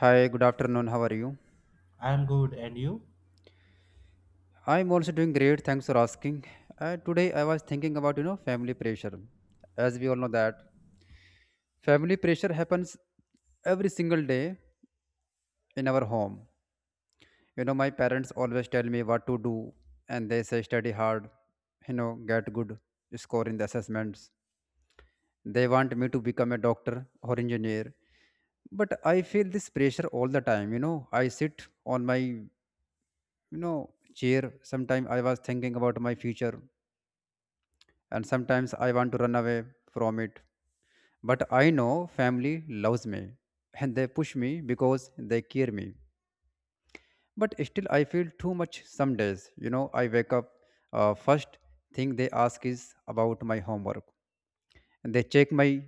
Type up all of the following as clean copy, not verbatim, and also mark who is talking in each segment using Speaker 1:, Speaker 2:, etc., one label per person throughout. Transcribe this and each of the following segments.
Speaker 1: Hi, good afternoon. How are you?
Speaker 2: I'm good, and you?
Speaker 1: I'm also doing great. Thanks for asking. Today I was thinking about family pressure. As we all know that family pressure happens every single day in our home. My parents always tell me what to do, and they say study hard, get good score in the assessments. They want me to become a doctor or engineer, but I feel this pressure all the time. I sit on my know chair. Sometimes I was thinking about my future and sometimes I want to run away from it. But I know family loves me and they push me because they care me. But still, I feel too much some days. I wake up, first thing they ask is about my homework. They check my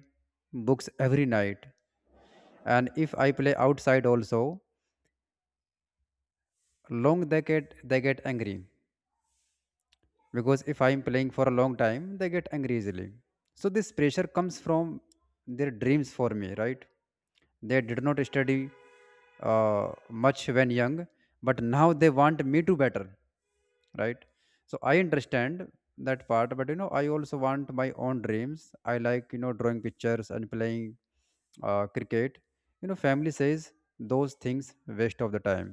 Speaker 1: books every night. And if I play outside also, they get angry because if I'm playing for a long time they get angry easily. So this pressure comes from their dreams for me, right? They did not study uh, much when young, but now they want me to better, right? So I understand that part, but I also want my own dreams. I like drawing pictures and playing cricket. You know, family says those things waste of the time.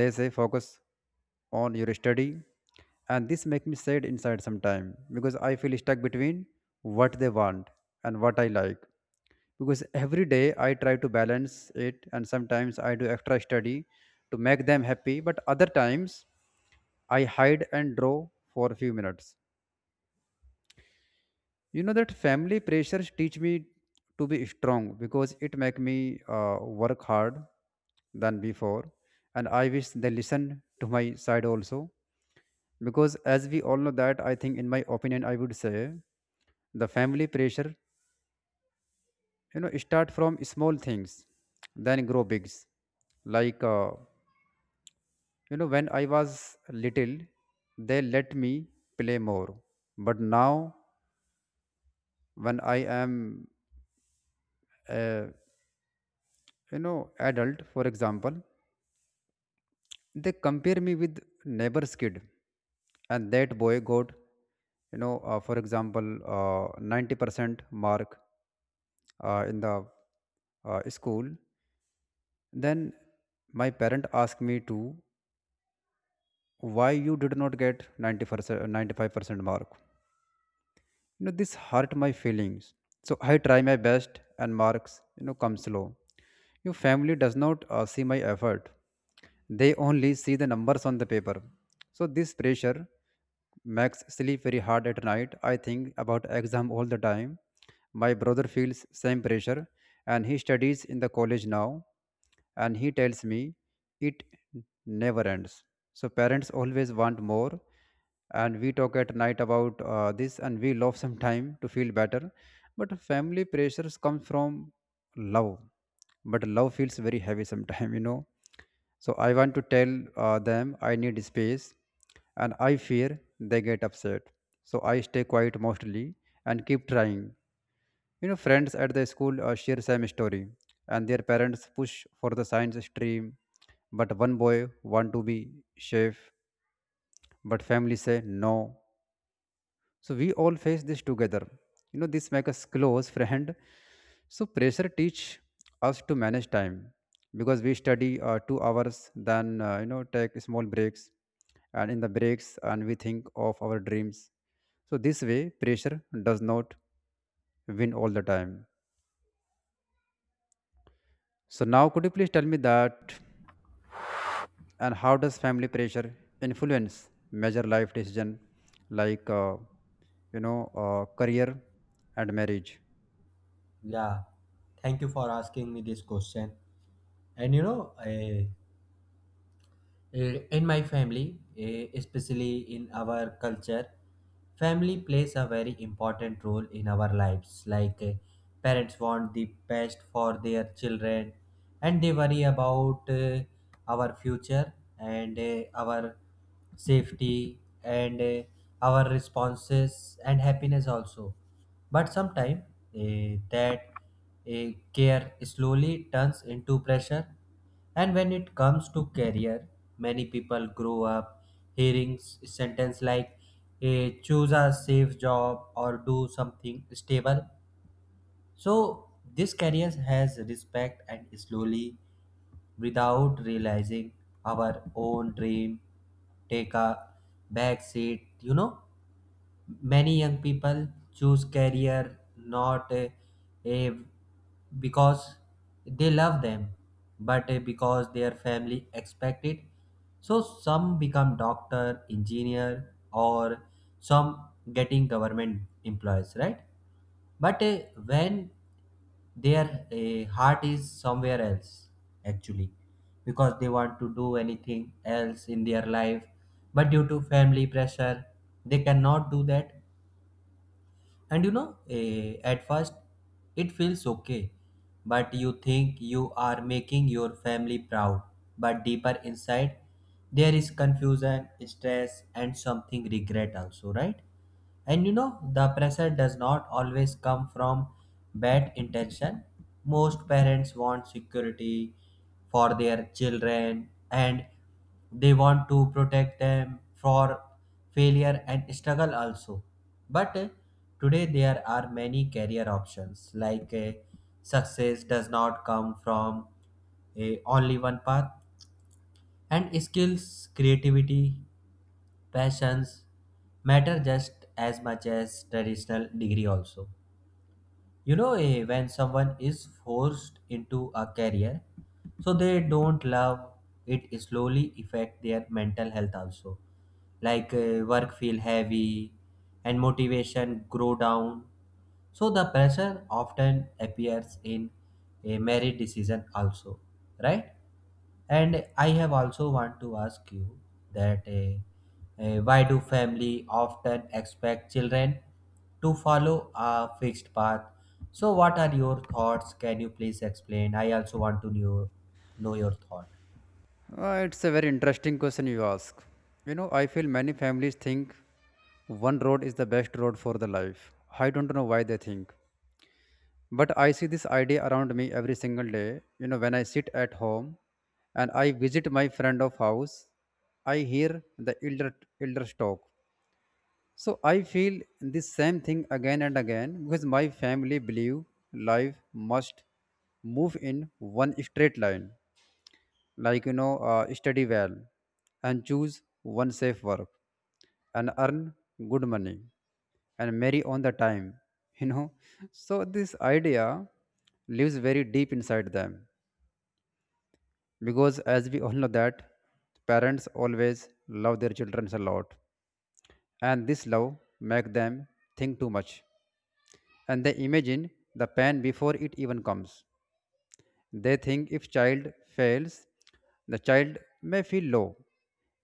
Speaker 1: They say focus on your study, and this make me sad inside sometime because I feel stuck between what they want and what I like, because every day I try to balance it, and sometimes I do extra study to make them happy, but other times I hide and draw for a few minutes. You know that family pressures teach me to be strong, because it make me work hard than before. And I wish they listen to my side also, because as we all know that I think, in my opinion, I would say the family pressure start from small things then grow bigs, like when I was little they let me play more, but now when I am a, you know adult, for example, they compare me with neighbor's kid, and that boy got for example 90% mark in the school. Then my parent asked me to why you did not get 90%, 95% mark. You know, this hurt my feelings. So I try my best and marks come slow. Your family does not see my effort. They only see the numbers on the paper. So this pressure makes sleep very hard at night. I think about exam all the time. My brother feels same pressure, and he studies in the college now, and he tells me it never ends. So parents always want more, and we talk at night about this, and we love some time to feel better. But family pressures come from love, but love feels very heavy sometimes, you know. So I want to tell them I need space, and I fear they get upset, so I stay quiet mostly and keep trying. Friends at the school share same story, and their parents push for the science stream. But one boy want to be chef, but family say no. So we all face this together. You know, this make us close friend. So pressure teach us to manage time, because we study 2 hours, then take small breaks, and in the breaks and we think of our dreams. So this way, pressure does not win all the time. So now could you please tell me that and how does family pressure influence major life decision, like career and marriage?
Speaker 2: Yeah, thank you for asking me this question. And you know, in my family, especially in our culture, family plays a very important role in our lives. Like parents want the best for their children, and they worry about our future and our safety and our responses and happiness also. But sometimes that care slowly turns into pressure. And when it comes to career, many people grow up hearing sentence like choose a safe job or do something stable, so this career has respect. And slowly, without realizing our own dream, take a back seat. You know, many young people choose career not eh, because they love them, but because their family expect it. So some become doctor, engineer, or some getting government employees, right? But when their heart is somewhere else actually, because they want to do anything else in their life, but due to family pressure they cannot do that. And you know, at first it feels okay, but you think you are making your family proud. But deeper inside there is confusion, stress and something regret also, right? And you know, the pressure does not always come from bad intention. Most parents want security for their children, and they want to protect them for failure and struggle also. But today there are many career options. Like success does not come from only one path, and skills, creativity, passions matter just as much as traditional degree also. You know, when someone is forced into a career so they don't love it, slowly affect their mental health also. Like work feel heavy and motivation grow down. So the pressure often appears in a married decision also, right? And I have also want to ask you that, why do family often expect children to follow a fixed path? So what are your thoughts? Can you please explain? I also want to know your thought.
Speaker 1: It's a very interesting question you ask. You know, I feel many families think one road is the best road for the life. I don't know why they think. But I see this idea around me every single day. You know, when I sit at home and I visit my friend of house, I hear the elders talk. So I feel this same thing again and again, because my family believe life must move in one straight line, like study well and choose one safe work and earn good money and marry on the time, you know. So this idea lives very deep inside them, because, as we all know, that parents always love their children a lot, and this love make them think too much, and they imagine the pain before it even comes. They think if child fails, the child may feel low.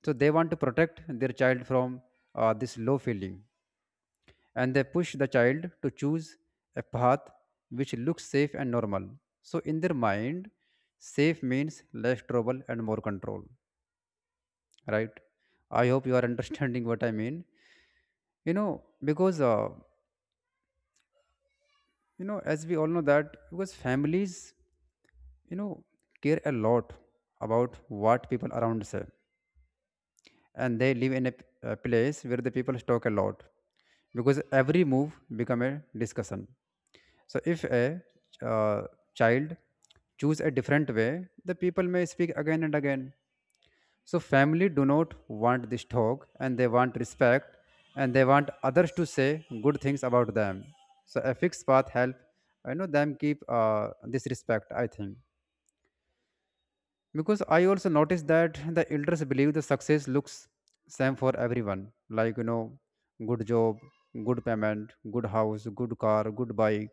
Speaker 1: So they want to protect their child from this low feeling, and they push the child to choose a path which looks safe and normal. So in their mind, safe means less trouble and more control, right? I hope you are understanding what I mean. You know, because as we all know that because families you know care a lot about what people around say, and they live in a place where the people talk a lot, because every move become a discussion. So if a uh, child choose a different way, the people may speak again and again. So family do not want this talk, and they want respect, and they want others to say good things about them. So a fixed path help I know them keep this respect, I think. Because I also noticed that the elders believe the success looks same for everyone, like good job, good payment, good house, good car, good bike.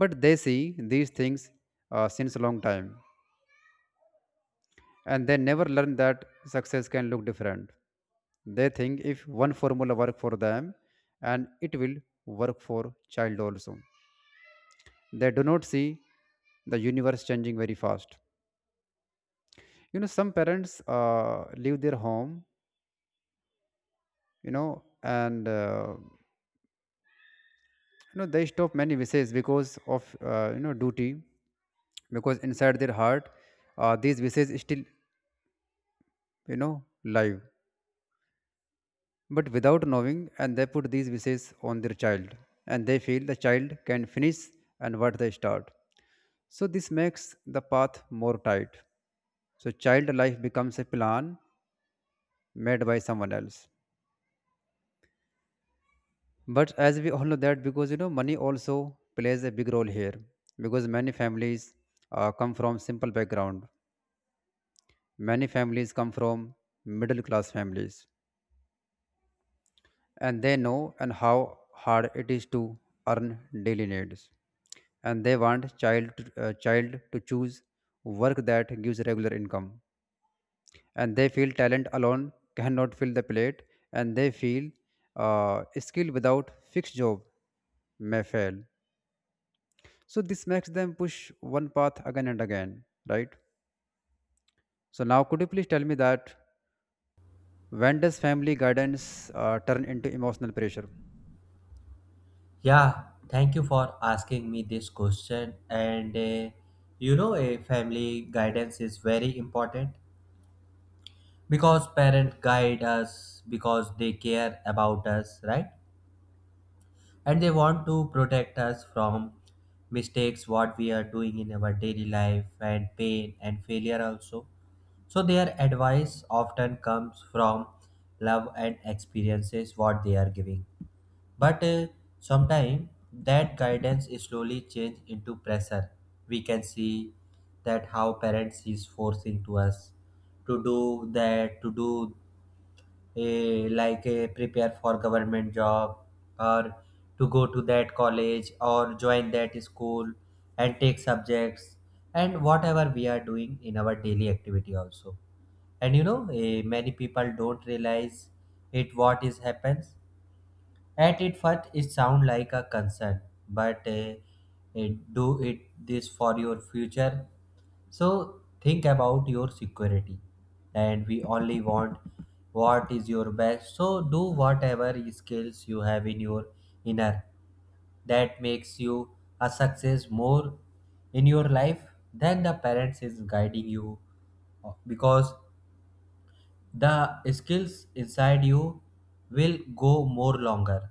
Speaker 1: But they see these things since a long time, and they never learn that success can look different. They think if one formula work for them, and it will work for child also. They do not see the universe changing very fast. You know, some parents uh, leave their home, and they stop many wishes because of duty, because inside their heart these wishes still you know live, but without knowing, and they put these wishes on their child, and they feel the child can finish and what they start. So this makes the path more tight. So child life becomes a plan made by someone else. But as we all know that, because money also plays a big role here, because many families come from simple background. Many families come from middle class families, and they know and how hard it is to earn daily needs, and they want child to choose work that gives regular income. And they feel talent alone cannot fill the plate, and they feel skill without fixed job may fail. So this makes them push one path again and again, right? So now, could you please tell me that when does family guidance turn into emotional pressure?
Speaker 2: Yeah, thank you for asking me this question. And you know, a family guidance is very important because parents guide us because they care about us, right? And they want to protect us from mistakes what we are doing in our daily life, and pain and failure also. So their advice often comes from love and experiences what they are giving. But sometimes that guidance is slowly changed into pressure. We can see that how parents is forcing to us to do that, to do like prepare for government job, or to go to that college or join that school, and take subjects and whatever we are doing in our daily activity also. And you know, many people don't realize it, what is happens. At it first, it sounds like a concern, but do it this for your future. So think about your security, and we only want what is your best. So do whatever skills you have in your inner that makes you a success more in your life than the parents is guiding you, because the skills inside you will go more longer.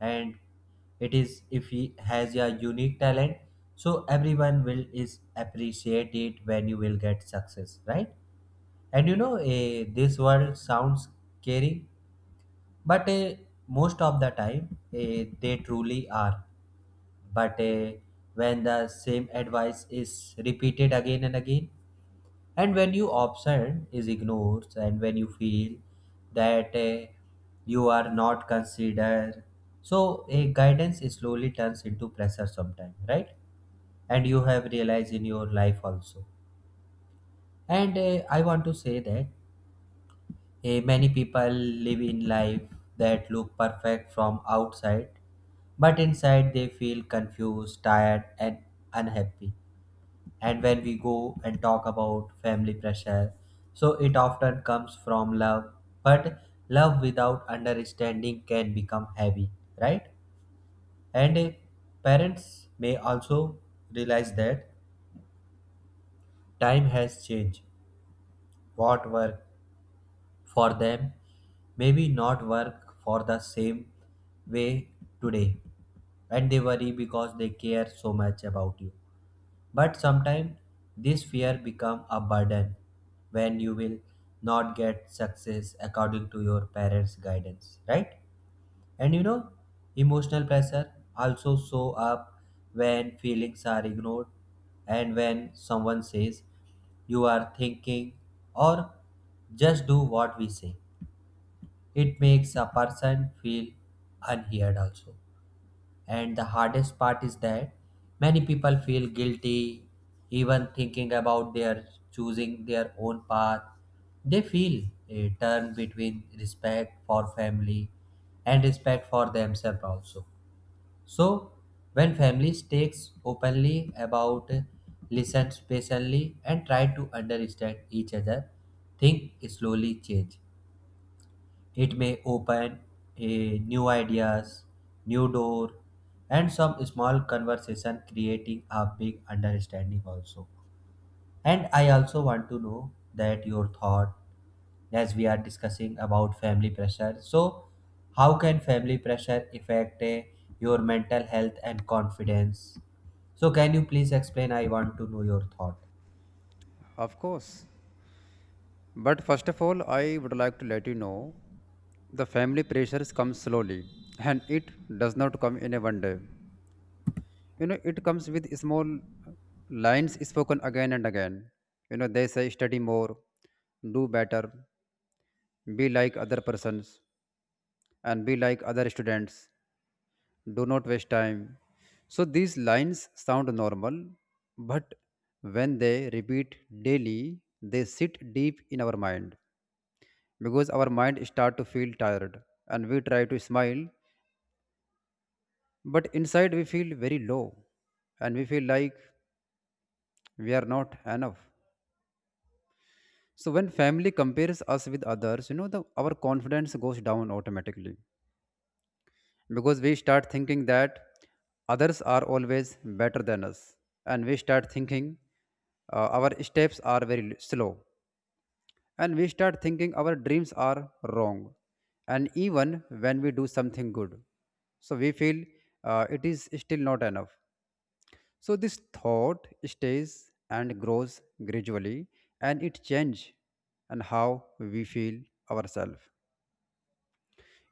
Speaker 2: And it is if he has a unique talent, so everyone will is appreciate it when you will get success, right? And you know, this world sounds scary, but most of the time they truly are. But when the same advice is repeated again and again, and when you option is ignored, and when you feel that you are not considered, so a guidance slowly turns into pressure sometime, right? And you have realized in your life also. And I want to say that many people live in life that look perfect from outside, but inside they feel confused, tired and unhappy. And when we go and talk about family pressure, so it often comes from love, but love without understanding can become heavy, right? And parents may also realize that time has changed. What worked for them maybe not work for the same way today, and they worry because they care so much about you. But sometimes this fear become a burden when you will not get success according to your parents' guidance, right? And you know, emotional pressure also show up when feelings are ignored, and when someone says you are thinking, or just do what we say. It makes a person feel unheard also. And the hardest part is that many people feel guilty even thinking about their choosing their own path. They feel a turn between respect for family and respect for themselves also. So when family takes openly about, listens patiently and try to understand each other, think slowly change. It may open a new ideas, new door, and some small conversation creating a big understanding also. And I also want to know that your thought, as we are discussing about family pressure. So how can family pressure affect your mental health and confidence? So, can you please explain? I want to know your thought.
Speaker 1: Of course. But first of all, I would like to let you know the family pressures come slowly, and it does not come in a one day. You know, it comes with small lines spoken again and again. You know, they say study more, do better, be like other persons, and be like other students do not waste time. So these lines sound normal, but when they repeat daily, they sit deep in our mind, because our mind start to feel tired, and we try to smile, but inside we feel very low, and we feel like we are not enough. So when family compares us with others, the our confidence goes down automatically, because we start thinking that others are always better than us, and we start thinking our steps are very slow, and we start thinking our dreams are wrong, and even when we do something good, so we feel it is still not enough. So this thought stays and grows gradually, and it changes and how we feel ourselves.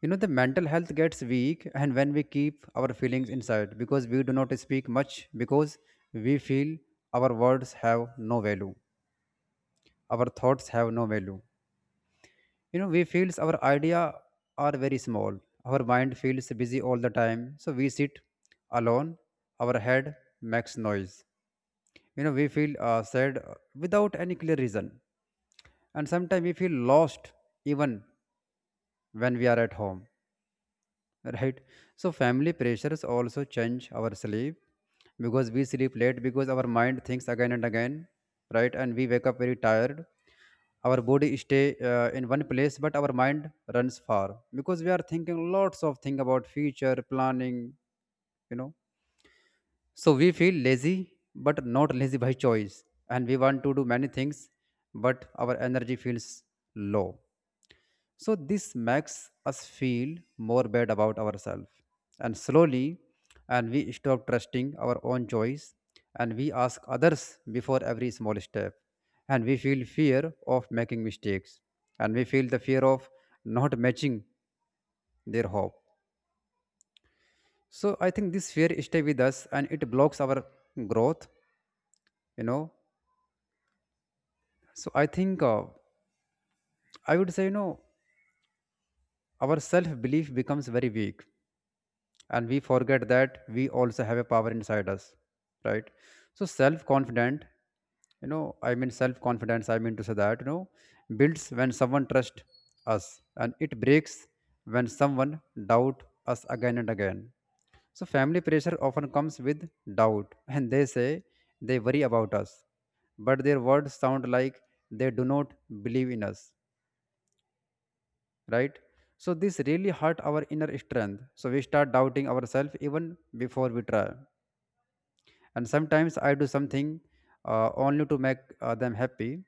Speaker 1: You know, the mental health gets weak, and when we keep our feelings inside, because we do not speak much, because we feel our words have no value, our thoughts have no value. You know, we feels our idea are very small. Our mind feels busy all the time, so we sit alone. Our head makes noise. We feel sad without any clear reason, and sometimes we feel lost even when we are at home, right? So family pressures also change our sleep, because we sleep late, because our mind thinks again and again, right? And we wake up very tired. Our body stay in one place, but our mind runs far because we are thinking lots of thing about future planning you know so we feel lazy, but not lazy by choice. And we want to do many things, but our energy feels low. So this makes us feel more bad about ourselves. And slowly, and we stop trusting our own choice, and we ask others before every small step. And we feel fear of making mistakes. And we feel the fear of not matching their hope. So I think this fear stay with us and it blocks our growth, you know. So I think I would say, our self belief becomes very weak, and we forget that we also have a power inside us, right? So self confident you know I mean self confidence I mean to say that builds when someone trusts us, and it breaks when someone doubt us again and again. So family pressure often comes with doubt and they say they worry about us, but their words sound like they do not believe in us, right? So this really hurt our inner strength. So we start doubting ourselves even before we try. And sometimes I do something only to make them happy,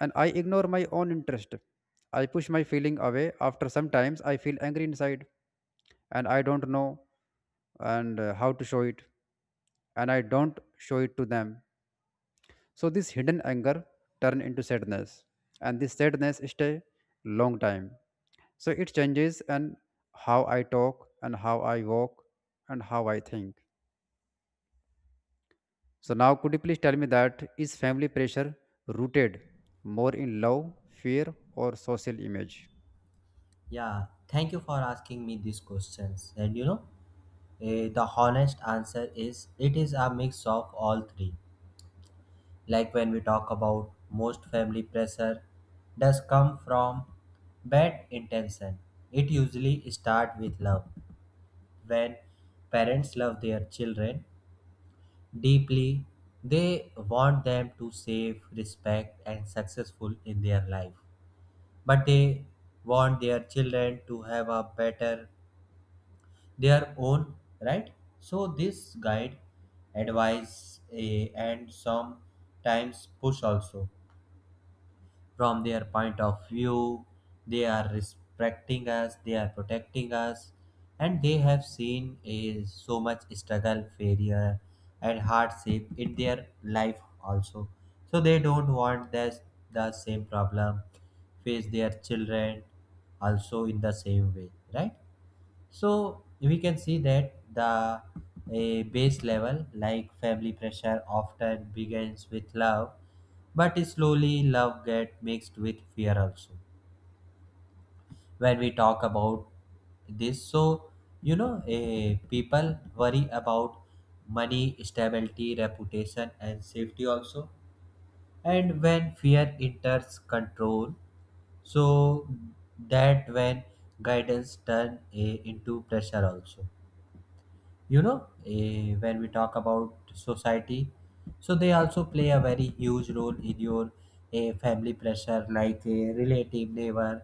Speaker 1: and I ignore my own interest. I push my feeling away. After sometimes I feel angry inside, and I don't know and how to show it, and I don't show it to them. So this hidden anger turn into sadness, and this sadness stay long time. So it changes and how I talk and how I walk and how I think. So now could you please tell me that is family pressure rooted more in love, fear or social image?
Speaker 2: Yeah, thank you for asking me these questions. And you know, the honest answer is it is a mix of all three. Like when we talk about most family pressure does come from bad intention. It usually start with love. When parents love their children deeply, they want them to save, respect and successful in their life. But they want their children to have a better their own, right? So this guide, advice and sometimes push also, from their point of view they are respecting us, they are protecting us. And they have seen a so much struggle, failure and hardship in their life also. So they don't want that the same problem face their children also in the same way, right? So we can see that the a base level, like family pressure, often begins with love, but slowly love get mixed with fear also. When we talk about this, so you know, a people worry about money, stability, reputation, and safety also. And when fear enters control, so that when guidance turn a into pressure also. You know, when we talk about society, so they also play a very huge role in your family pressure, like a relative, neighbor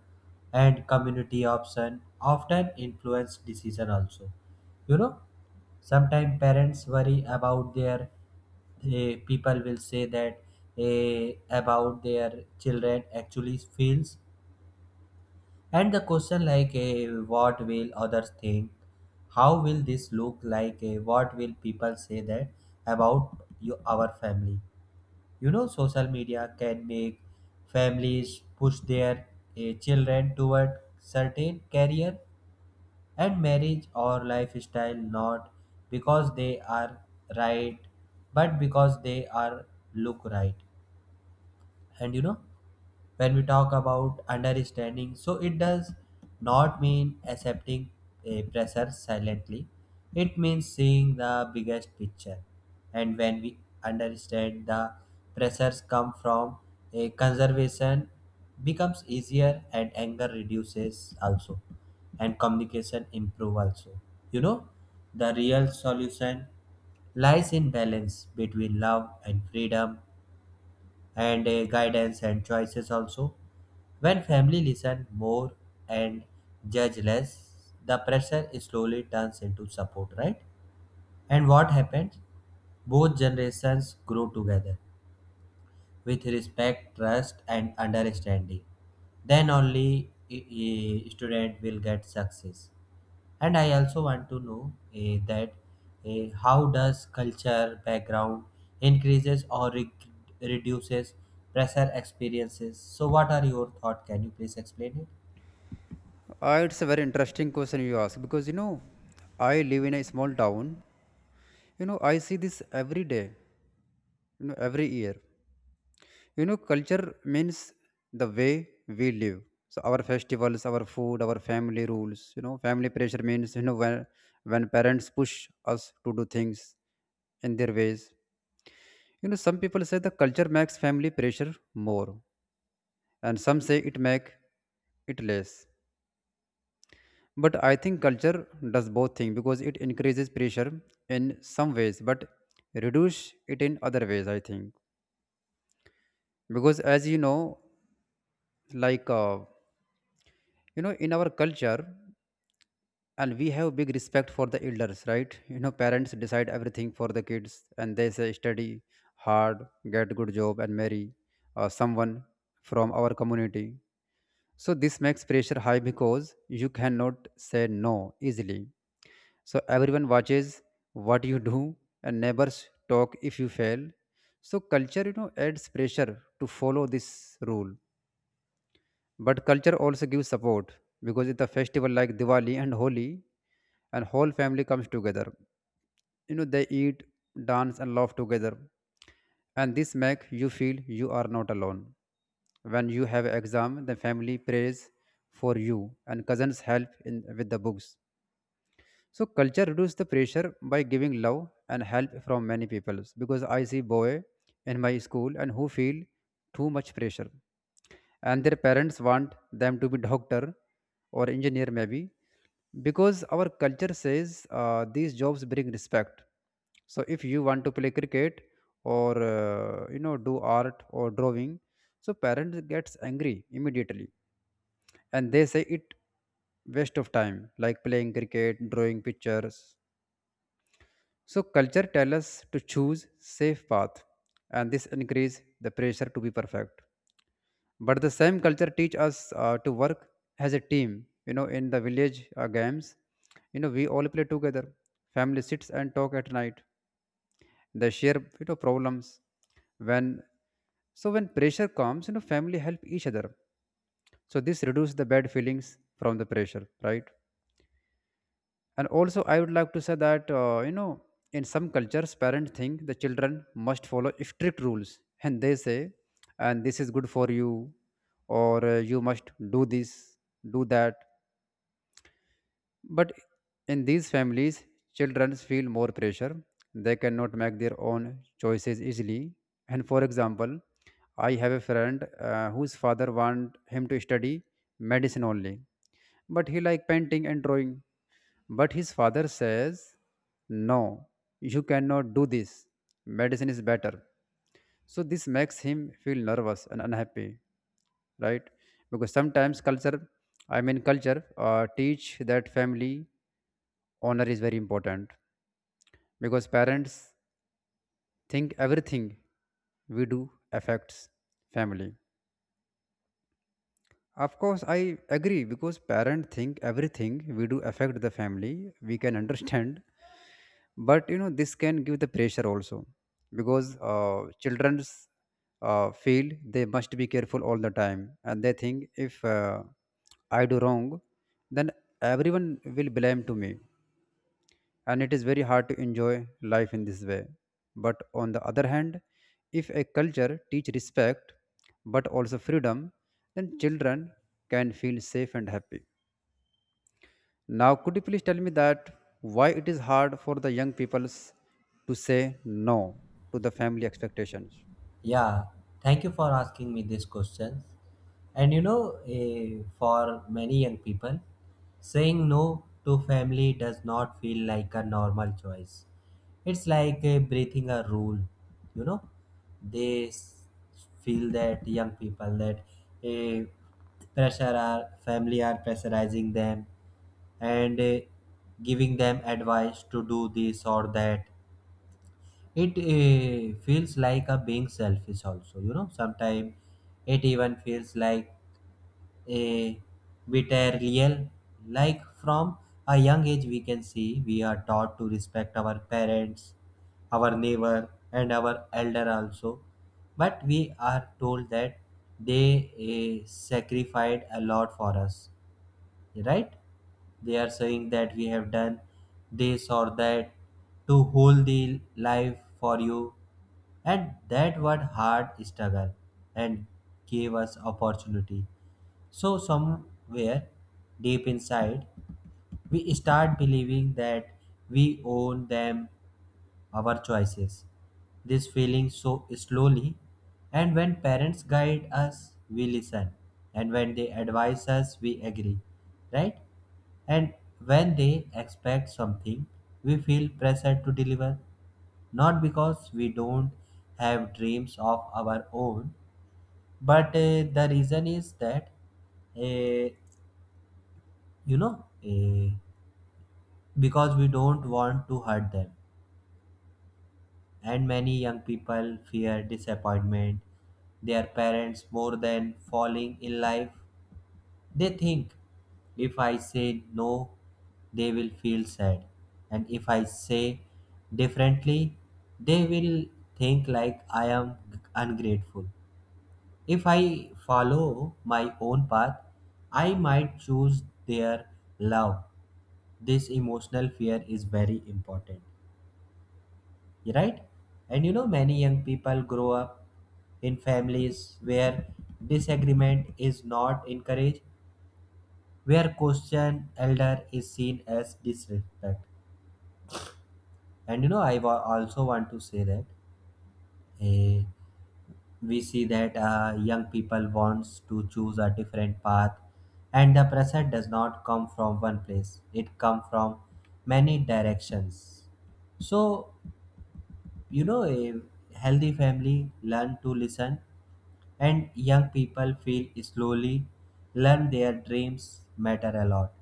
Speaker 2: and community option often influence decision also. You know, sometimes parents worry about their people will say that about their children actually feels, and the question like what will others think? How will this look like? What will people say that about you, our family? You know, social media can make families push their children toward certain career and marriage or lifestyle, not because they are right but because they are look right. And you know, when we talk about understanding, so it does not mean accepting a pressure silently. It means seeing the biggest picture. And when we understand the pressures come from a conservation, becomes easier, and anger reduces also, and communication improve also. You know, the real solution lies in balance between love and freedom, and guidance and choices also. When family listen more and judge less, the pressure slowly turns into support, right? And what happens? Both generations grow together with respect, trust, and understanding. Then only a student will get success. And I also want to know, that how does culture background increases or reduces pressure experiences? So what are your thoughts? Can you please explain it?
Speaker 1: It's a very interesting question you ask, because I live in a small town. I see this every day, every year. Culture means the way we live. So our festivals, our food, our family rules. Family pressure means when parents push us to do things in their ways. Some people say the culture makes family pressure more, and some say it make it less. But I think culture does both things because it increases pressure in some ways, but reduce it in other ways. I think, because as you know, like in our culture and we have big respect for the elders, right? Parents decide everything for the kids, and they say study hard, get good job, and marry someone from our community. So this makes pressure high because you cannot say no easily. So everyone watches what you do, and neighbors talk if you fail. So culture adds pressure to follow this rule. But culture also gives support because it's a festival like Diwali and Holi, and whole family comes together. They eat, dance, and laugh together, and this makes you feel you are not alone. When you have exam, the family prays for you, and cousins help in with the books. So culture reduces the pressure by giving love and help from many people, because I see boy in my school and who feel too much pressure, and their parents want them to be doctor or engineer maybe, because our culture says these jobs bring respect. So if you want to play cricket or do art or drawing, so parents gets angry immediately, and they say it waste of time like playing cricket, drawing pictures. So culture tells us to choose safe path, and this increase the pressure to be perfect. But the same culture teach us to work as a team. In the village games, we all play together. Family sits and talk at night. They share problems. When when pressure comes, family help each other. So this reduces the bad feelings from the pressure, right? And also I would like to say that in some cultures parents think the children must follow strict rules, and they say and this is good for you, or you must do this, do that. But in these families children feel more pressure. They cannot make their own choices easily. And for example, I have a friend whose father want him to study medicine only, but he like painting and drawing. But his father says, "No, you cannot do this. Medicine is better." So this makes him feel nervous and unhappy, right? Because sometimes culture, I mean culture, teach that family honor is very important, because parents think everything we do affects family. Of course, I agree because parents think everything we do affect the family. We can understand, but this can give the pressure also, because children's feel they must be careful all the time, and they think if I do wrong, then everyone will blame to me, and it is very hard to enjoy life in this way. But on the other hand, if a culture teach respect but also freedom, then children can feel safe and happy. Now, could you please tell me that why it is hard for the young peoples to say no to the family expectations?
Speaker 2: Yeah, thank you for asking me these questions. And you know, for many young people, saying no to family does not feel like a normal choice. It's like breathing a rule, you know. They feel that young people that eh, pressure are family are pressurizing them, and giving them advice to do this or that. It feels like a being selfish also, you know. Sometimes it even feels like a betrayal. Like from a young age we can see we are taught to respect our parents, our neighbor and our elder also. But we are told that they sacrificed a lot for us, right? They are saying that we have done this or that to hold the life for you, and that what hard struggle and gave us opportunity. So somewhere deep inside, we start believing that we own them our choices. This feeling so slowly, and when parents guide us, we listen, and when they advise us, we agree, right? And when they expect something, we feel pressure to deliver, not because we don't have dreams of our own, but the reason is that, uh, you know, uh, because we don't want to hurt them. And many young people fear disappointment their parents more than falling in life. They think if I say no, they will feel sad, and if I say differently, they will think like I am ungrateful. If I follow my own path, I might choose their love. This emotional fear is very important, right? And you know, many young people grow up in families where disagreement is not encouraged, where question elder is seen as disrespect. And you know, also want to say that eh, we see that young people wants to choose a different path, and the pressure does not come from one place, it come from many directions. So you know, a healthy family learn to listen, and young people feel slowly learn their dreams matter a lot.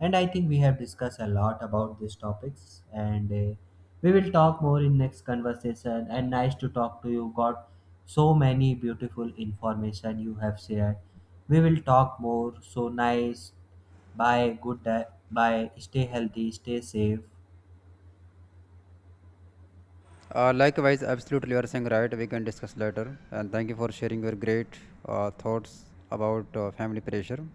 Speaker 2: And I think we have discussed a lot about these topics. And we will talk more in next conversation, and nice to talk to you. Got so many beautiful information you have shared. We will talk more. So nice, bye, good day. Bye, stay healthy, stay safe.
Speaker 1: Likewise, absolutely, you are saying right. We can discuss later. And thank you for sharing your great thoughts about family pressure.